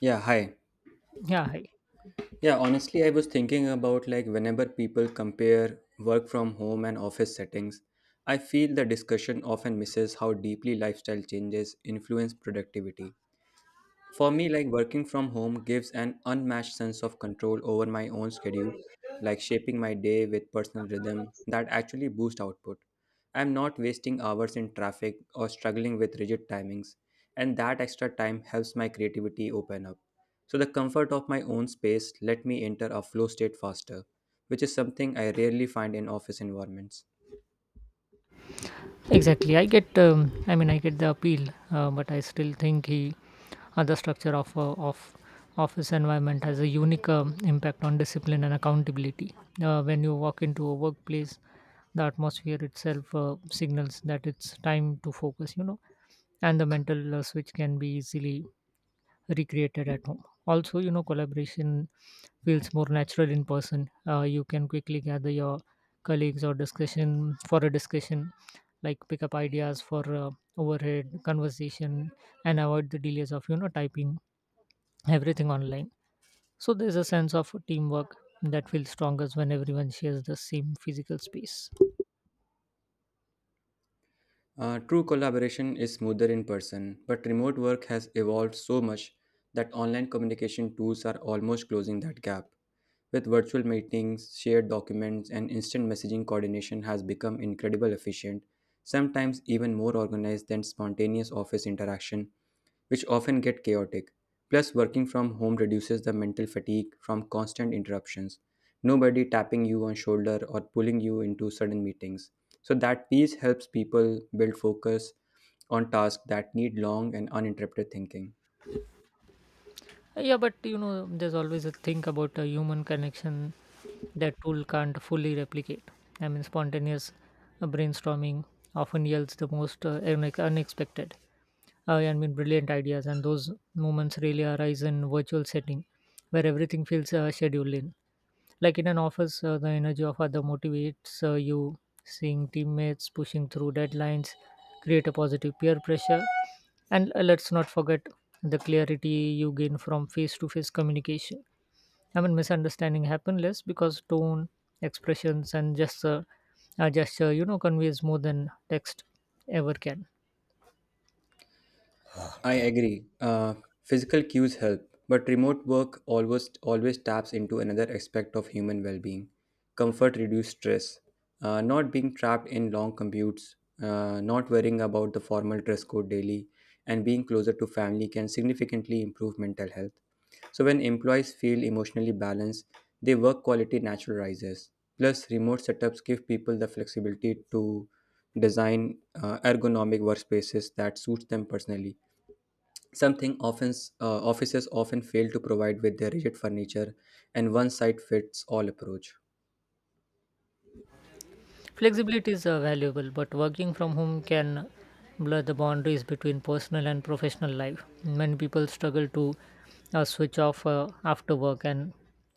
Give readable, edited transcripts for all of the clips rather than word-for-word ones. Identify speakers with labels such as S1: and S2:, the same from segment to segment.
S1: Yeah, hi.
S2: Yeah,
S1: Yeah, honestly, I was thinking about like whenever people compare work from home and office settings, I feel the discussion often misses how deeply lifestyle changes influence productivity. For me, like working from home gives an unmatched sense of control over my own schedule, like shaping my day with personal rhythm that actually boosts output. I'm not wasting hours in traffic or struggling with rigid timings, and that extra time helps my creativity open up. So the comfort of my own space let me enter a flow state faster, which is something I rarely find in office environments.
S2: exactly. I get. I mean, I get the appeal, but I still think the structure of office environment has a unique impact on discipline and accountability. When you walk into a workplace, the atmosphere itself signals that it's time to focus. And the mental switch can be easily recreated at home. Also, collaboration feels more natural in person. You can quickly gather your colleagues or discussion for a discussion, like pick up ideas for overhead conversation and avoid the delays of typing everything online. So there's a sense of teamwork that feels strongest when everyone shares the same physical space.
S1: True collaboration is smoother in person, but remote work has evolved so much that online communication tools are almost closing that gap. With virtual meetings, shared documents, and instant messaging, coordination has become incredibly efficient, sometimes even more organized than spontaneous office interaction, which often get chaotic. Plus, working from home reduces the mental fatigue from constant interruptions. Nobody tapping you on shoulder or pulling you into sudden meetings. So that piece helps people build focus on tasks that need long and uninterrupted thinking.
S2: Yeah, but there's always a thing about a human connection that tool can't fully replicate. I mean, spontaneous brainstorming often yields the most unexpected, I mean, brilliant ideas, and those moments really arise in virtual setting where everything feels scheduled in. Like in an office, the energy of other motivates you. Seeing teammates pushing through deadlines create a positive peer pressure. And let's not forget the clarity you gain from face-to-face communication. I mean, misunderstanding happen less because tone, expressions, and gesture, conveys more than text ever can.
S1: I agree. Physical cues help, but remote work always taps into another aspect of human well-being. Comfort reduces stress. Not being trapped in long commutes, not worrying about the formal dress code daily, and being closer to family can significantly improve mental health. So when employees feel emotionally balanced, their work quality naturally rises. Plus, remote setups give people the flexibility to design ergonomic workspaces that suits them personally. Something office, offices often fail to provide with their rigid furniture and one size fits all approach.
S2: Flexibility is valuable, but working from home can blur the boundaries between personal and professional life. Many people struggle to switch off after work, and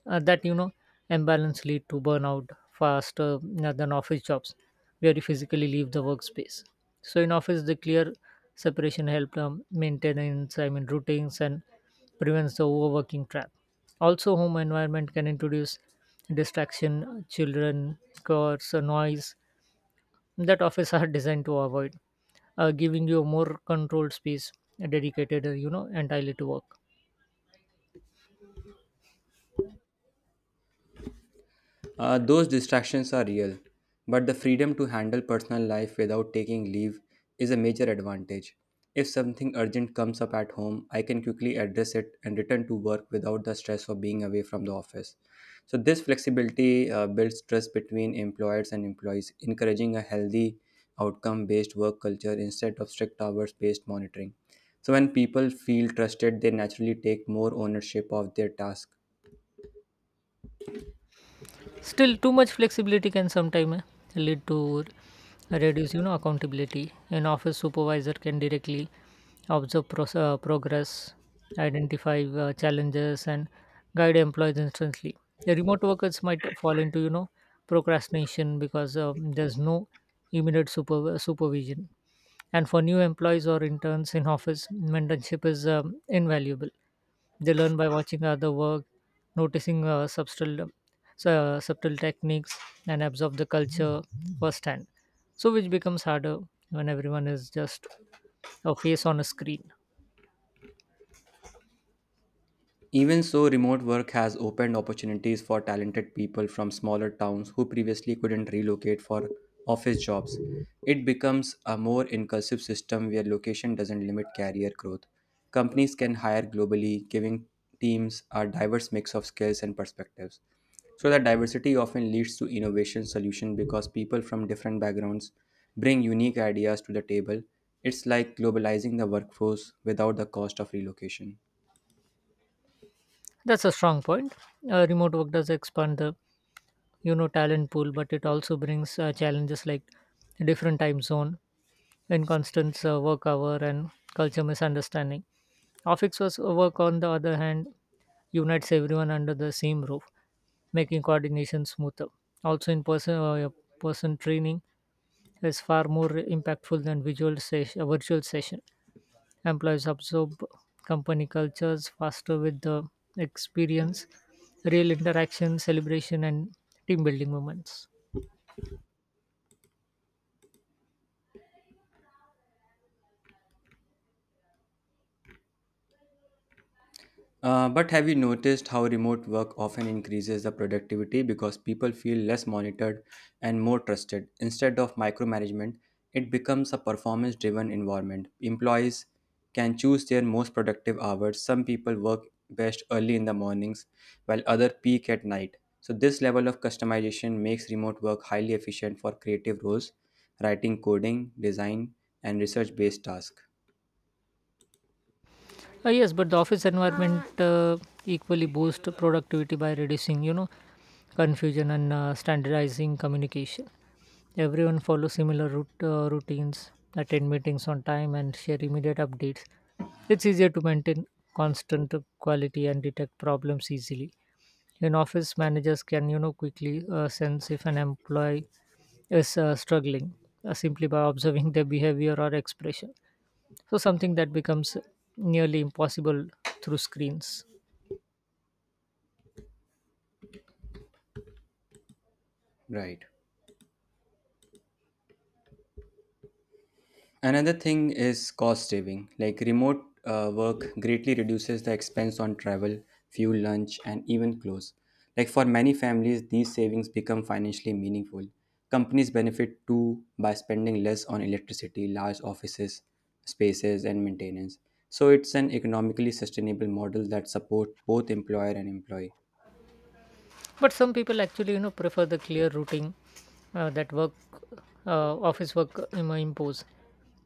S2: that imbalance lead to burnout faster than office jobs, where you physically leave the workspace. So in office, the clear separation help maintenance, I mean routines, and prevents the overworking trap. Also, home environment can introduce distraction, children, cars, or noise that office are designed to avoid, giving you a more controlled space dedicated, entirely to work.
S1: Those distractions are real, but the freedom to handle personal life without taking leave is a major advantage. If something urgent comes up at home, I can quickly address it and return to work without the stress of being away from the office. So, this flexibility builds trust between employers and employees, encouraging a healthy outcome based work culture instead of strict hours based monitoring. So, when people feel trusted, they naturally take more ownership of their task.
S2: Still, too much flexibility can sometimes lead to reduce, accountability. An office supervisor can directly observe progress, identify challenges, and guide employees instantly. The remote workers might fall into, procrastination because there's no immediate supervision. And for new employees or interns in office, mentorship is invaluable. They learn by watching other work, noticing subtle techniques, and absorb the culture firsthand. So, which becomes harder when everyone is just a face on a screen.
S1: Even so, remote work has opened opportunities for talented people from smaller towns who previously couldn't relocate for office jobs. It becomes a more inclusive system where location doesn't limit career growth. Companies can hire globally, giving teams a diverse mix of skills and perspectives. So, that diversity often leads to innovation solution because people from different backgrounds bring unique ideas to the table. It's like globalizing the workforce without the cost of relocation.
S2: That's a strong point. Remote work does expand the talent pool, but it also brings challenges like different time zone, inconstant work hour, and culture misunderstanding. Office was work, on the other hand, unites everyone under the same roof, making coordination smoother. Also, in person, yeah, person training is far more impactful than virtual session. Employees absorb company cultures faster with the experience, real interaction, celebration, and team building moments.
S1: But have you noticed how remote work often increases the productivity because people feel less monitored and more trusted? Instead of micromanagement, it becomes a performance driven environment. Employees can choose their most productive hours. Some people work best early in the mornings, while others peak at night. So, this level of customization makes remote work highly efficient for creative roles, writing, coding, design, and research based tasks.
S2: Yes, but the office environment equally boosts productivity by reducing, confusion and standardizing communication. Everyone follows similar routines, attend meetings on time, and share immediate updates. It's easier to maintain constant quality and detect problems easily. In office, managers can quickly sense if an employee is struggling simply by observing their behavior or expression. So something that becomes nearly impossible through screens.
S1: Right. Another thing is cost saving. Like remote work greatly reduces the expense on travel, fuel, lunch, and even clothes. Like for many families, these savings become financially meaningful. Companies benefit too by spending less on electricity, large offices, spaces, and maintenance. So it's an economically sustainable model that supports both employer and employee.
S2: But some people actually, prefer the clear routing uh, that work, office work impose.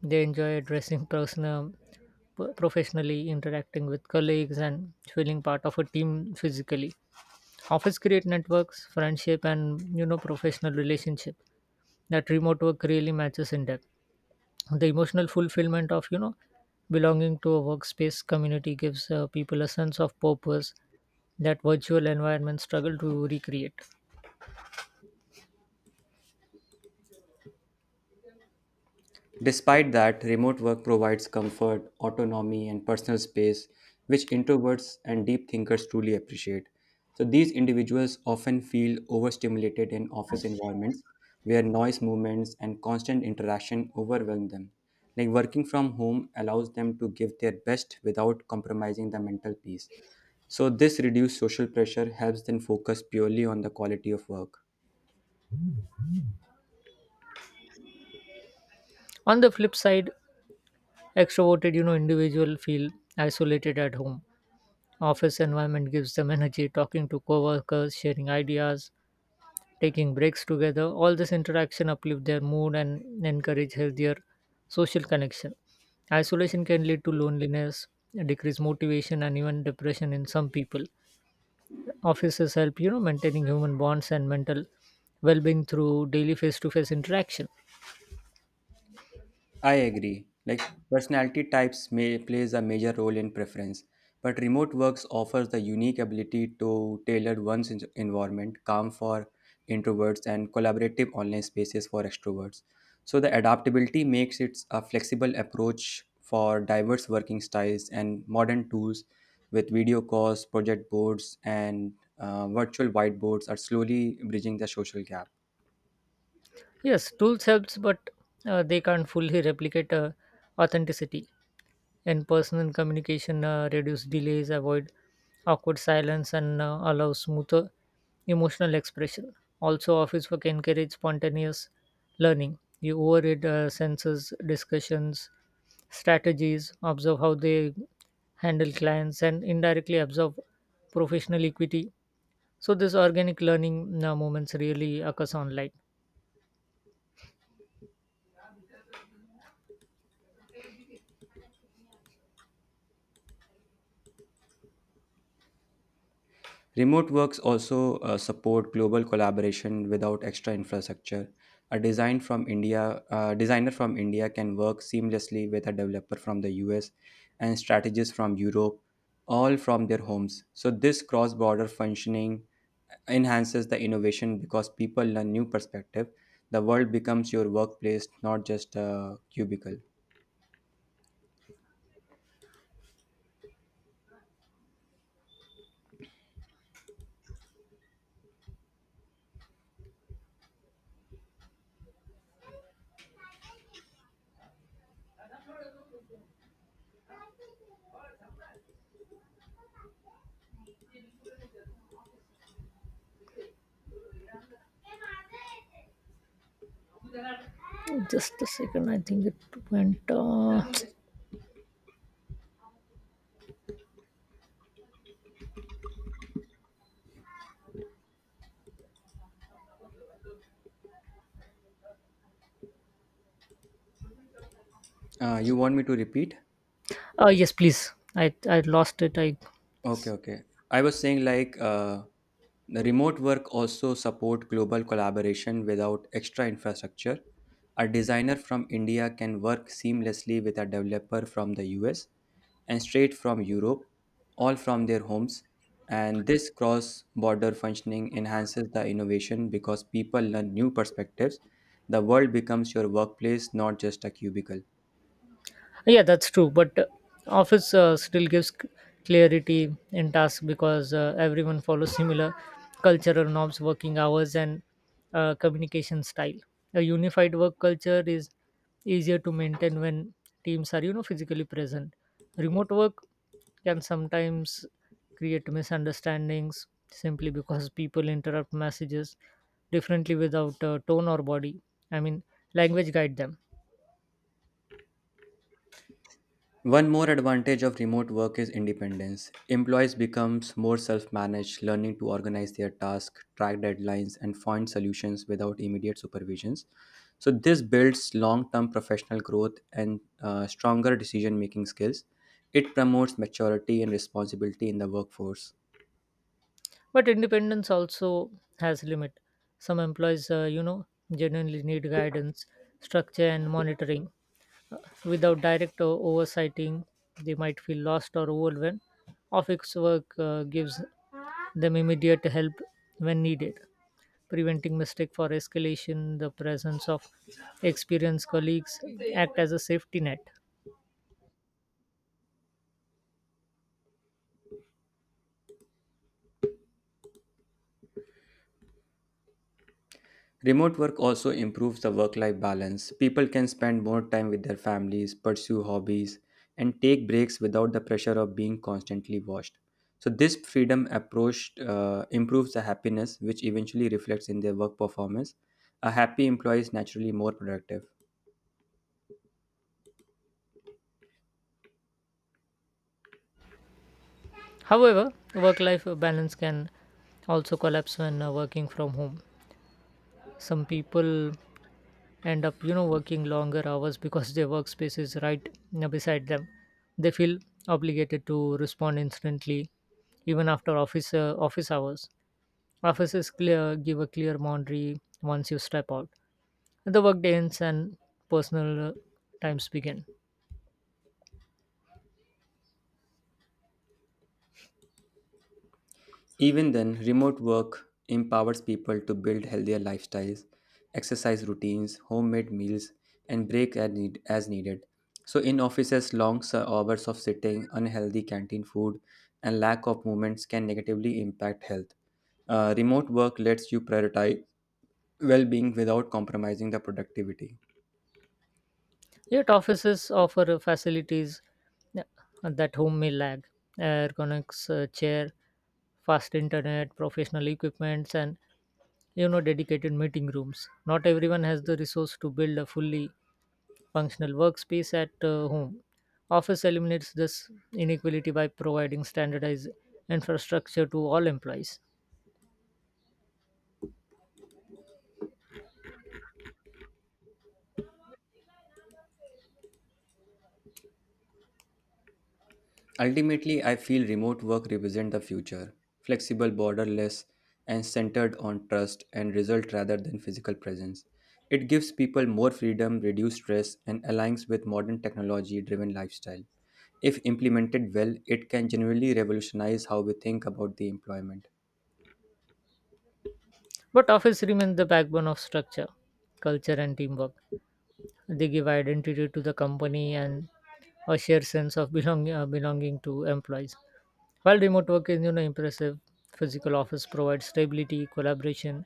S2: They enjoy addressing personal, professionally, interacting with colleagues, and feeling part of a team physically. Office create networks, friendship, and professional relationship that remote work really matches in depth. The emotional fulfillment of belonging to a workspace community gives people a sense of purpose that virtual environment struggle to recreate.
S1: Despite that, remote work provides comfort, autonomy, and personal space, which introverts and deep thinkers truly appreciate. So, these individuals often feel overstimulated in office environments where noise, movements, and constant interaction overwhelm them. Like working from home allows them to give their best without compromising the mental peace. So, this reduced social pressure helps them focus purely on the quality of work.
S2: On the flip side, extroverted, individual feel isolated at home. Office environment gives them energy, talking to coworkers, sharing ideas, taking breaks together. All this interaction uplift their mood and encourage healthier social connection. Isolation can lead to loneliness, decreased motivation, and even depression in some people. Offices help, maintaining human bonds and mental well-being through daily face-to-face interaction.
S1: I agree. Like personality types may plays a major role in preference, but remote works offers the unique ability to tailor one's environment, calm for introverts and collaborative online spaces for extroverts. So the adaptability makes it a flexible approach for diverse working styles and modern tools with video calls, project boards, and virtual whiteboards are slowly bridging the social gap.
S2: Yes, tools helps, but they can't fully replicate authenticity. In personal communication, reduce delays, avoid awkward silence, and allow smoother emotional expression. Also, office work encourage spontaneous learning. You overread senses, discussions, strategies, observe how they handle clients, and indirectly observe professional equity. So, this organic learning moments really occurs online.
S1: Remote works also support global collaboration without extra infrastructure. A design from India, designer from India can work seamlessly with a developer from the US and strategists from Europe, all from their homes. So this cross-border functioning enhances the innovation because people learn new perspective. The world becomes your workplace, not just a cubicle.
S2: Just a second. I think it went.
S1: You want me to repeat?
S2: Yes, please. I lost it. I
S1: Okay, okay. I was saying like the remote work also support global collaboration without extra infrastructure. A designer from India can work seamlessly with a developer from the US and straight from Europe, all from their homes. And this cross border functioning enhances the innovation because people learn new perspectives. The world becomes your workplace, not just a cubicle.
S2: Yeah, that's true. But office still gives clarity in tasks because everyone follows similar cultural norms, working hours, and communication style. A unified work culture is easier to maintain when teams are, physically present. Remote work can sometimes create misunderstandings simply because people interrupt messages differently without tone or body. I mean, language guide them,
S1: One more advantage of remote work is independence. Employees becomes more self-managed, learning to organize their tasks, track deadlines, and find solutions without immediate supervisions. So this builds long-term professional growth and stronger decision-making skills. It promotes maturity and responsibility in the workforce.
S2: but independence also has limit. Some employees genuinely need guidance, structure, and monitoring. Uh, Without direct oversighting, they might feel lost or overwhelmed. Office work gives them immediate help when needed, preventing mistake for escalation. The presence of experienced colleagues act as a safety net.
S1: Remote work also improves the work life balance. People can spend more time with their families, pursue hobbies, and take breaks without the pressure of being constantly watched. So, this freedom approach improves the happiness, which eventually reflects in their work performance. A happy employee is naturally more productive.
S2: However, work life balance can also collapse when working from home. Some people end up working longer hours because their workspace is right beside them. They feel obligated to respond instantly even after office hours. Offices clear give a clear boundary. Once you step out, the workday ends and personal times begin.
S1: Even then, remote work empowers people to build healthier lifestyles, exercise routines, homemade meals, and break as, as needed. So, in offices, long hours of sitting, unhealthy canteen food, and lack of movements can negatively impact health. Remote work lets you prioritize well being without compromising the productivity.
S2: Yet offices offer facilities, yeah, that home may lag. Ergonomics chair, fast internet, professional equipments, and dedicated meeting rooms. Not everyone has the resource to build a fully functional workspace at home. Office eliminates this inequality by providing standardized infrastructure to all employees.
S1: Ultimately, I feel remote work represents the future, flexible, borderless, and centered on trust and result rather than physical presence. It gives people more freedom, reduced stress, and aligns with modern technology driven lifestyle. If implemented well, it can genuinely revolutionize how we think about the employment.
S2: But office remains the backbone of structure, culture, and teamwork. They give identity to the company and a shared sense of belonging to employees. While remote work is impressive, physical office provides stability, collaboration,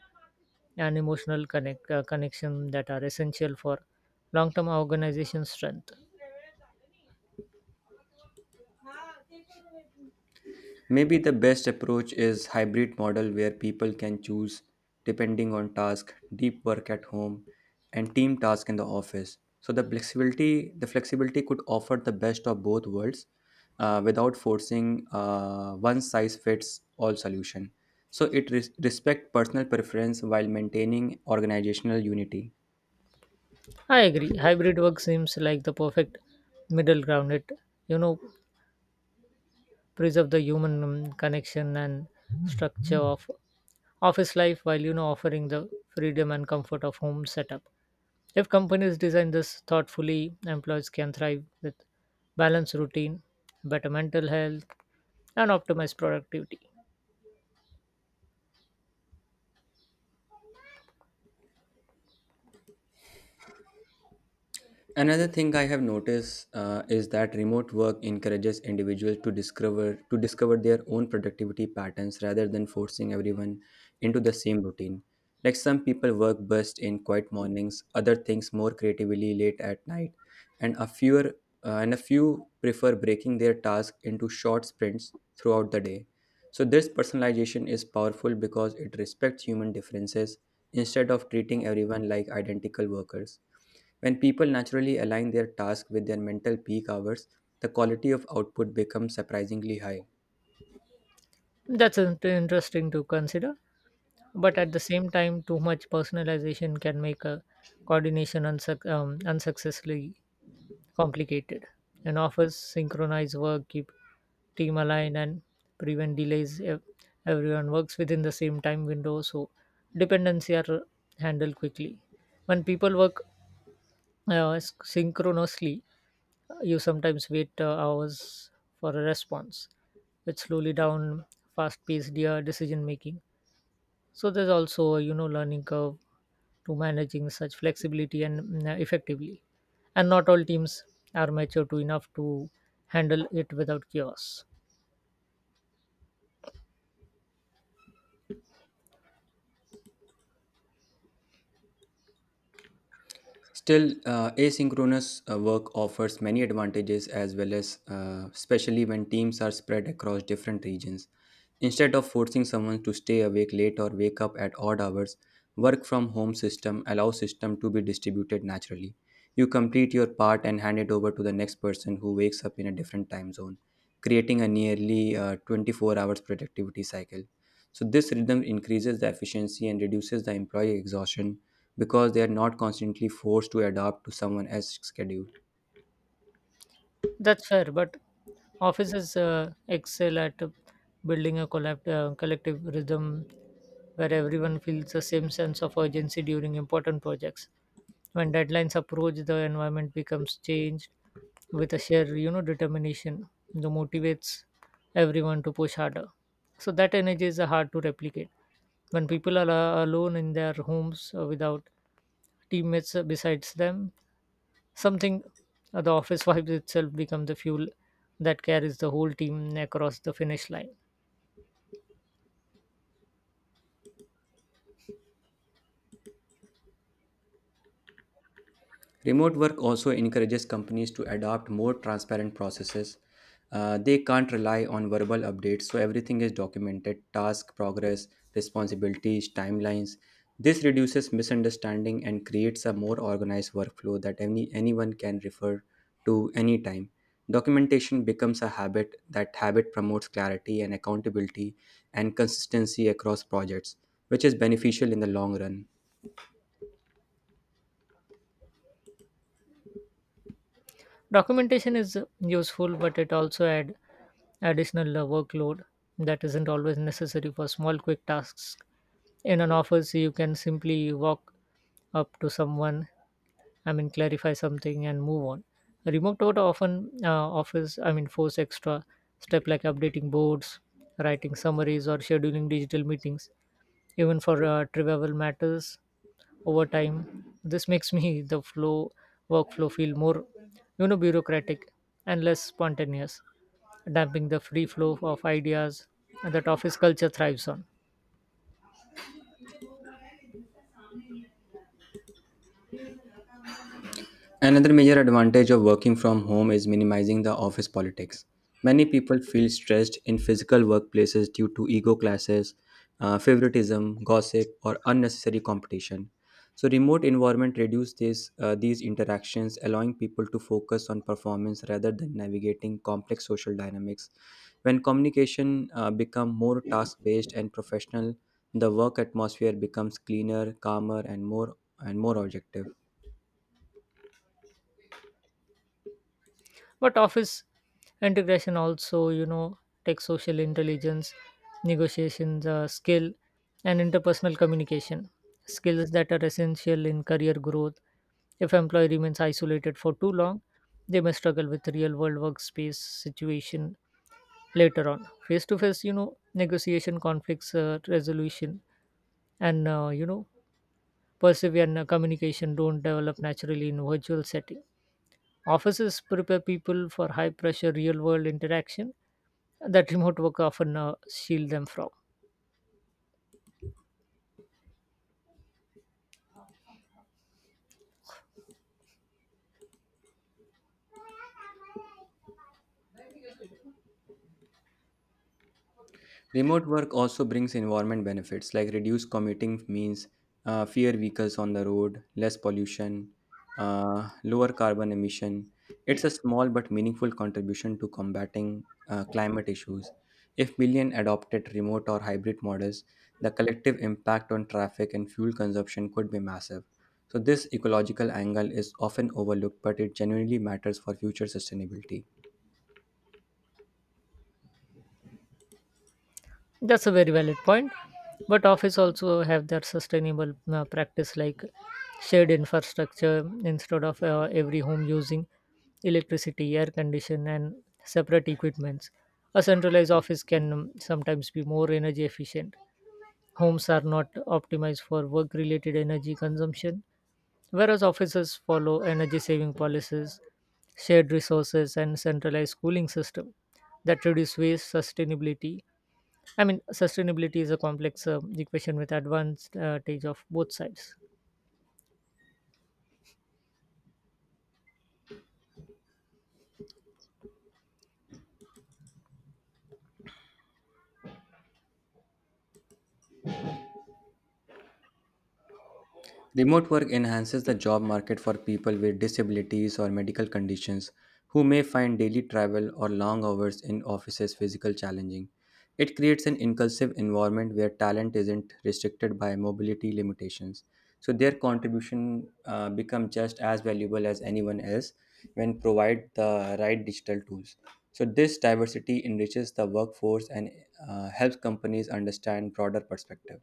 S2: and emotional connection that are essential for long-term organization strength.
S1: Maybe the best approach is hybrid model where people can choose depending on task, deep work at home and team task in the office. So the flexibility could offer the best of both worlds without forcing one size fits all solution. So it respect personal preference while maintaining organizational unity.
S2: I agree. Hybrid work seems like the perfect middle ground. It you know preserve the human connection and structure of office life while offering the freedom and comfort of home setup. If companies design this thoughtfully, employees can thrive with balanced routine, better mental health, and optimized productivity.
S1: Another thing I have noticed is that remote work encourages individuals to discover their own productivity patterns rather than forcing everyone into the same routine. Like some people work best in quiet mornings, other things more creatively late at night, and a fewer and a few prefer breaking their task into short sprints throughout the day. So this personalization is powerful because it respects human differences instead of treating everyone like identical workers. When people naturally align their task with their mental peak hours, the quality of output becomes surprisingly high.
S2: That's interesting to consider, but at the same time, too much personalization can make a coordination unsuccessfully complicated, and offers synchronized work, keep team aligned, and prevent delays. Everyone works within the same time window, so dependency are handled quickly. When people work synchronously, you sometimes wait hours for a response, which slowly down fast-paced decision making. So there's also a learning curve to managing such flexibility and effectively, and not all teams are mature to enough to handle it without chaos.
S1: Still, asynchronous work offers many advantages as well as, especially when teams are spread across different regions. Instead of forcing someone to stay awake late or wake up at odd hours, work from home system allows system to be distributed naturally. You complete your part and hand it over to the next person who wakes up in a different time zone, creating a nearly 24 hours productivity cycle. So this rhythm increases the efficiency and reduces the employee exhaustion because they are not constantly forced to adapt to someone else's schedule.
S2: That's fair, but offices excel at building a collective rhythm where everyone feels the same sense of urgency during important projects. When deadlines approach, the environment becomes changed with a shared, determination that motivates everyone to push harder. So that energy is hard to replicate. When people are alone in their homes without teammates besides them, Something the office vibes itself become the fuel that carries the whole team across the finish line.
S1: Remote work also encourages companies to adopt more transparent processes. They can't rely on verbal updates, so everything is documented task, progress, responsibilities, timelines. This reduces misunderstanding and creates a more organized workflow that anyone can refer to anytime. Documentation becomes a habit. That habit promotes clarity and accountability and consistency across projects, which is beneficial in the long run.
S2: Documentation is useful, but it also add additional workload that isn't always necessary for small quick tasks. In an office, you can simply walk up to someone, I mean, clarify something and move on. Remote work often I mean, force extra step like updating boards, writing summaries, or scheduling digital meetings even for trivial matters over time. This makes me the flow workflow feel more, bureaucratic and less spontaneous, damping the free flow of ideas that office culture thrives on.
S1: Another major advantage of working from home is minimizing the office politics. Many people feel stressed in physical workplaces due to ego clashes, favoritism, gossip, or unnecessary competition. So, remote environment reduces these interactions, allowing people to focus on performance rather than navigating complex social dynamics. When communication become more task based and professional, the work atmosphere becomes cleaner, calmer, and more objective.
S2: But office integration also, takes social intelligence, negotiations, skill, and interpersonal communication. Skills that are essential in career growth. If employee remains isolated for too long, they may struggle with real world workspace situation later on. Face to face, negotiation, conflicts resolution, and persevere and, communication don't develop naturally in virtual setting. Offices prepare people for high pressure real world interaction that remote work often shield them from.
S1: Remote work also brings environment benefits like reduced commuting means fewer vehicles on the road, less pollution, lower carbon emission. It's a small but meaningful contribution to combating climate issues. If million adopted remote or hybrid models, the collective impact on traffic and fuel consumption could be massive. So this ecological angle is often overlooked, but it genuinely matters for future sustainability.
S2: That's a very valid point. But office also have their sustainable practice like shared infrastructure instead of every home using electricity, air condition, and separate equipments. A centralized office can sometimes be more energy efficient. Homes are not optimized for work related energy consumption. Whereas offices follow energy saving policies, shared resources, and centralized cooling system that reduce waste, sustainability. I mean, sustainability is a complex equation with advanced advantage of both sides.
S1: Remote work enhances the job market for people with disabilities or medical conditions who may find daily travel or long hours in offices physical challenging. It creates an inclusive environment where talent isn't restricted by mobility limitations. So their contribution become just as valuable as anyone else when provide the right digital tools. So this diversity enriches the workforce and helps companies understand broader perspective.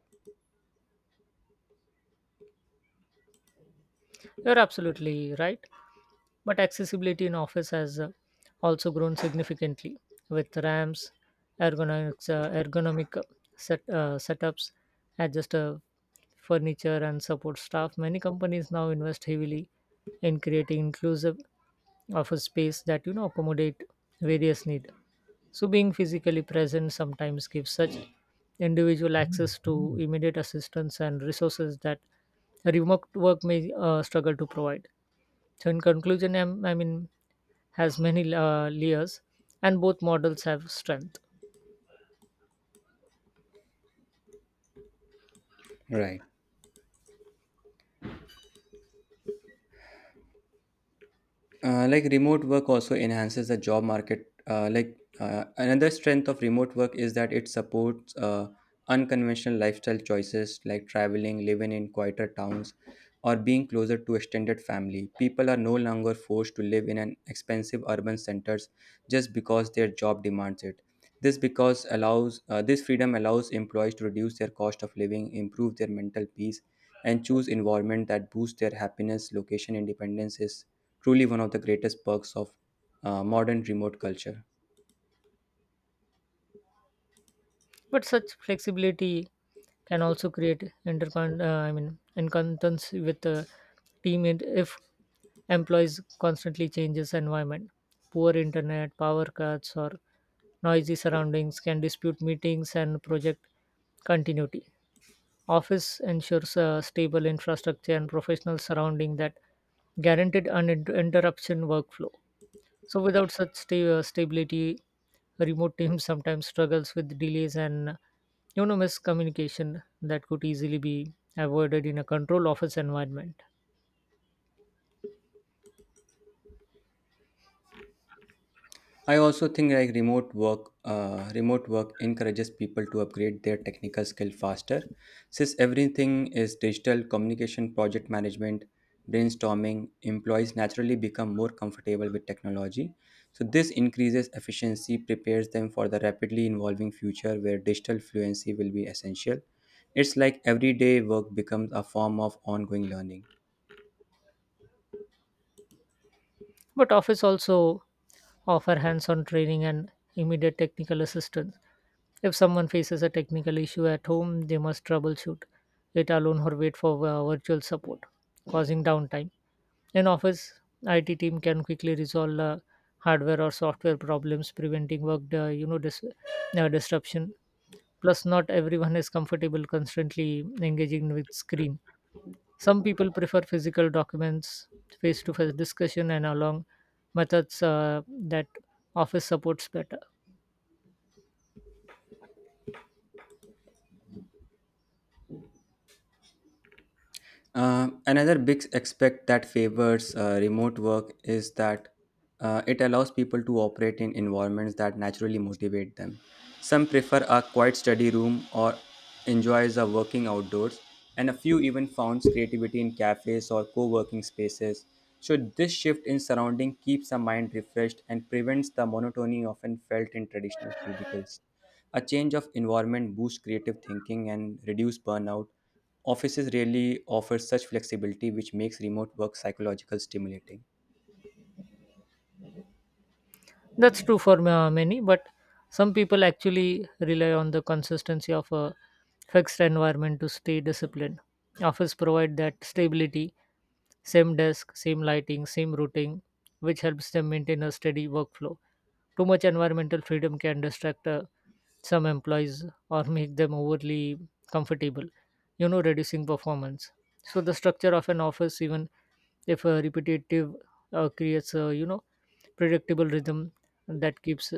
S2: You're absolutely right. But accessibility in office has also grown significantly with ramps, ergonomic setups, adjust furniture, and support staff. Many companies now invest heavily in creating inclusive of a space that accommodate various needs, so being physically present sometimes gives such individual access to immediate assistance and resources that a remote work may struggle to provide. So in conclusion, I mean has many layers and both models have strength.
S1: Right. Like remote work also enhances the job market. Another strength of remote work is that it supports unconventional lifestyle choices like traveling, living in quieter towns, or being closer to extended family. People are no longer forced to live in an expensive urban centers just because their job demands it. This freedom allows employees to reduce their cost of living, improve their mental peace, and choose environment that boosts their happiness. Location independence is truly one of the greatest perks of modern remote culture.
S2: But such flexibility can also create intercon I mean incontents with the team if employees constantly changes environment. Poor internet, power cuts or noisy surroundings can dispute meetings and project continuity. Office ensures a stable infrastructure and professional surrounding that guaranteed uninterruption workflow. So without such stability, remote teams sometimes struggles with delays and miscommunication that could easily be avoided in a control office environment.
S1: I also think like remote work encourages people to upgrade their technical skill faster, since everything is digital communication, project management, brainstorming. Employees naturally become more comfortable with technology, so this increases efficiency, prepares them for the rapidly evolving future where digital fluency will be essential. It's like everyday work becomes a form of ongoing learning.
S2: But office also offer hands-on training and immediate technical assistance. If someone faces a technical issue at home, they must troubleshoot it alone or wait for virtual support, causing downtime. In office, IT team can quickly resolve hardware or software problems, preventing work disruption. Plus, not everyone is comfortable constantly engaging with screen. Some people prefer physical documents, face-to-face discussion, and along methods that office supports better.
S1: Another big aspect that favors remote work is that it allows people to operate in environments that naturally motivate them. Some prefer a quiet study room or enjoys a working outdoors, and a few even founds creativity in cafes or co-working spaces. So this shift in surrounding keeps the mind refreshed and prevents the monotony often felt in traditional cubicles. A change of environment boosts creative thinking and reduce burnout. Offices rarely offer such flexibility, which makes remote work psychological stimulating.
S2: That's true for many, but some people actually rely on the consistency of a fixed environment to stay disciplined. Office provide that stability, same desk, same lighting, same routing, which helps them maintain a steady workflow. Too much environmental freedom can distract a some employees or make them overly comfortable, reducing performance. So the structure of an office, even if repetitive, creates a predictable rhythm that keeps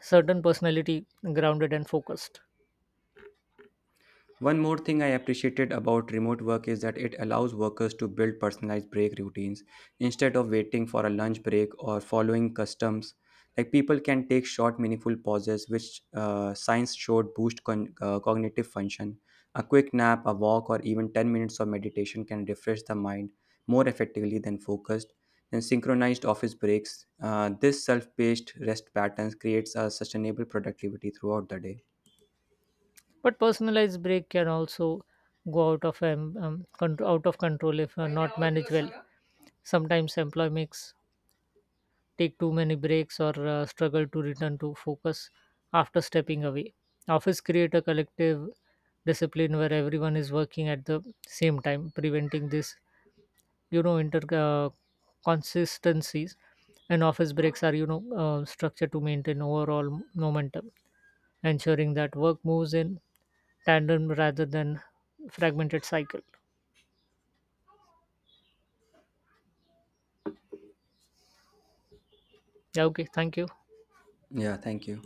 S2: certain personality grounded and focused.
S1: One more thing I appreciated about remote work is that it allows workers to build personalized break routines instead of waiting for a lunch break or following customs. Like people can take short, meaningful pauses, which science showed boost cognitive function. A quick nap, a walk, or even 10 minutes of meditation can refresh the mind more effectively than focused and synchronized office breaks. This self-paced rest patterns creates a sustainable productivity throughout the day.
S2: But personalized break can also go out of out of control if not managed well. Sometimes employee makes take too many breaks or struggle to return to focus after stepping away. Office create a collective discipline where everyone is working at the same time, preventing this, you know, inter consistencies. And office breaks are, structured to maintain overall momentum, ensuring that work moves in tandem rather than fragmented cycle. Yeah, okay, thank you.
S1: Yeah, thank you.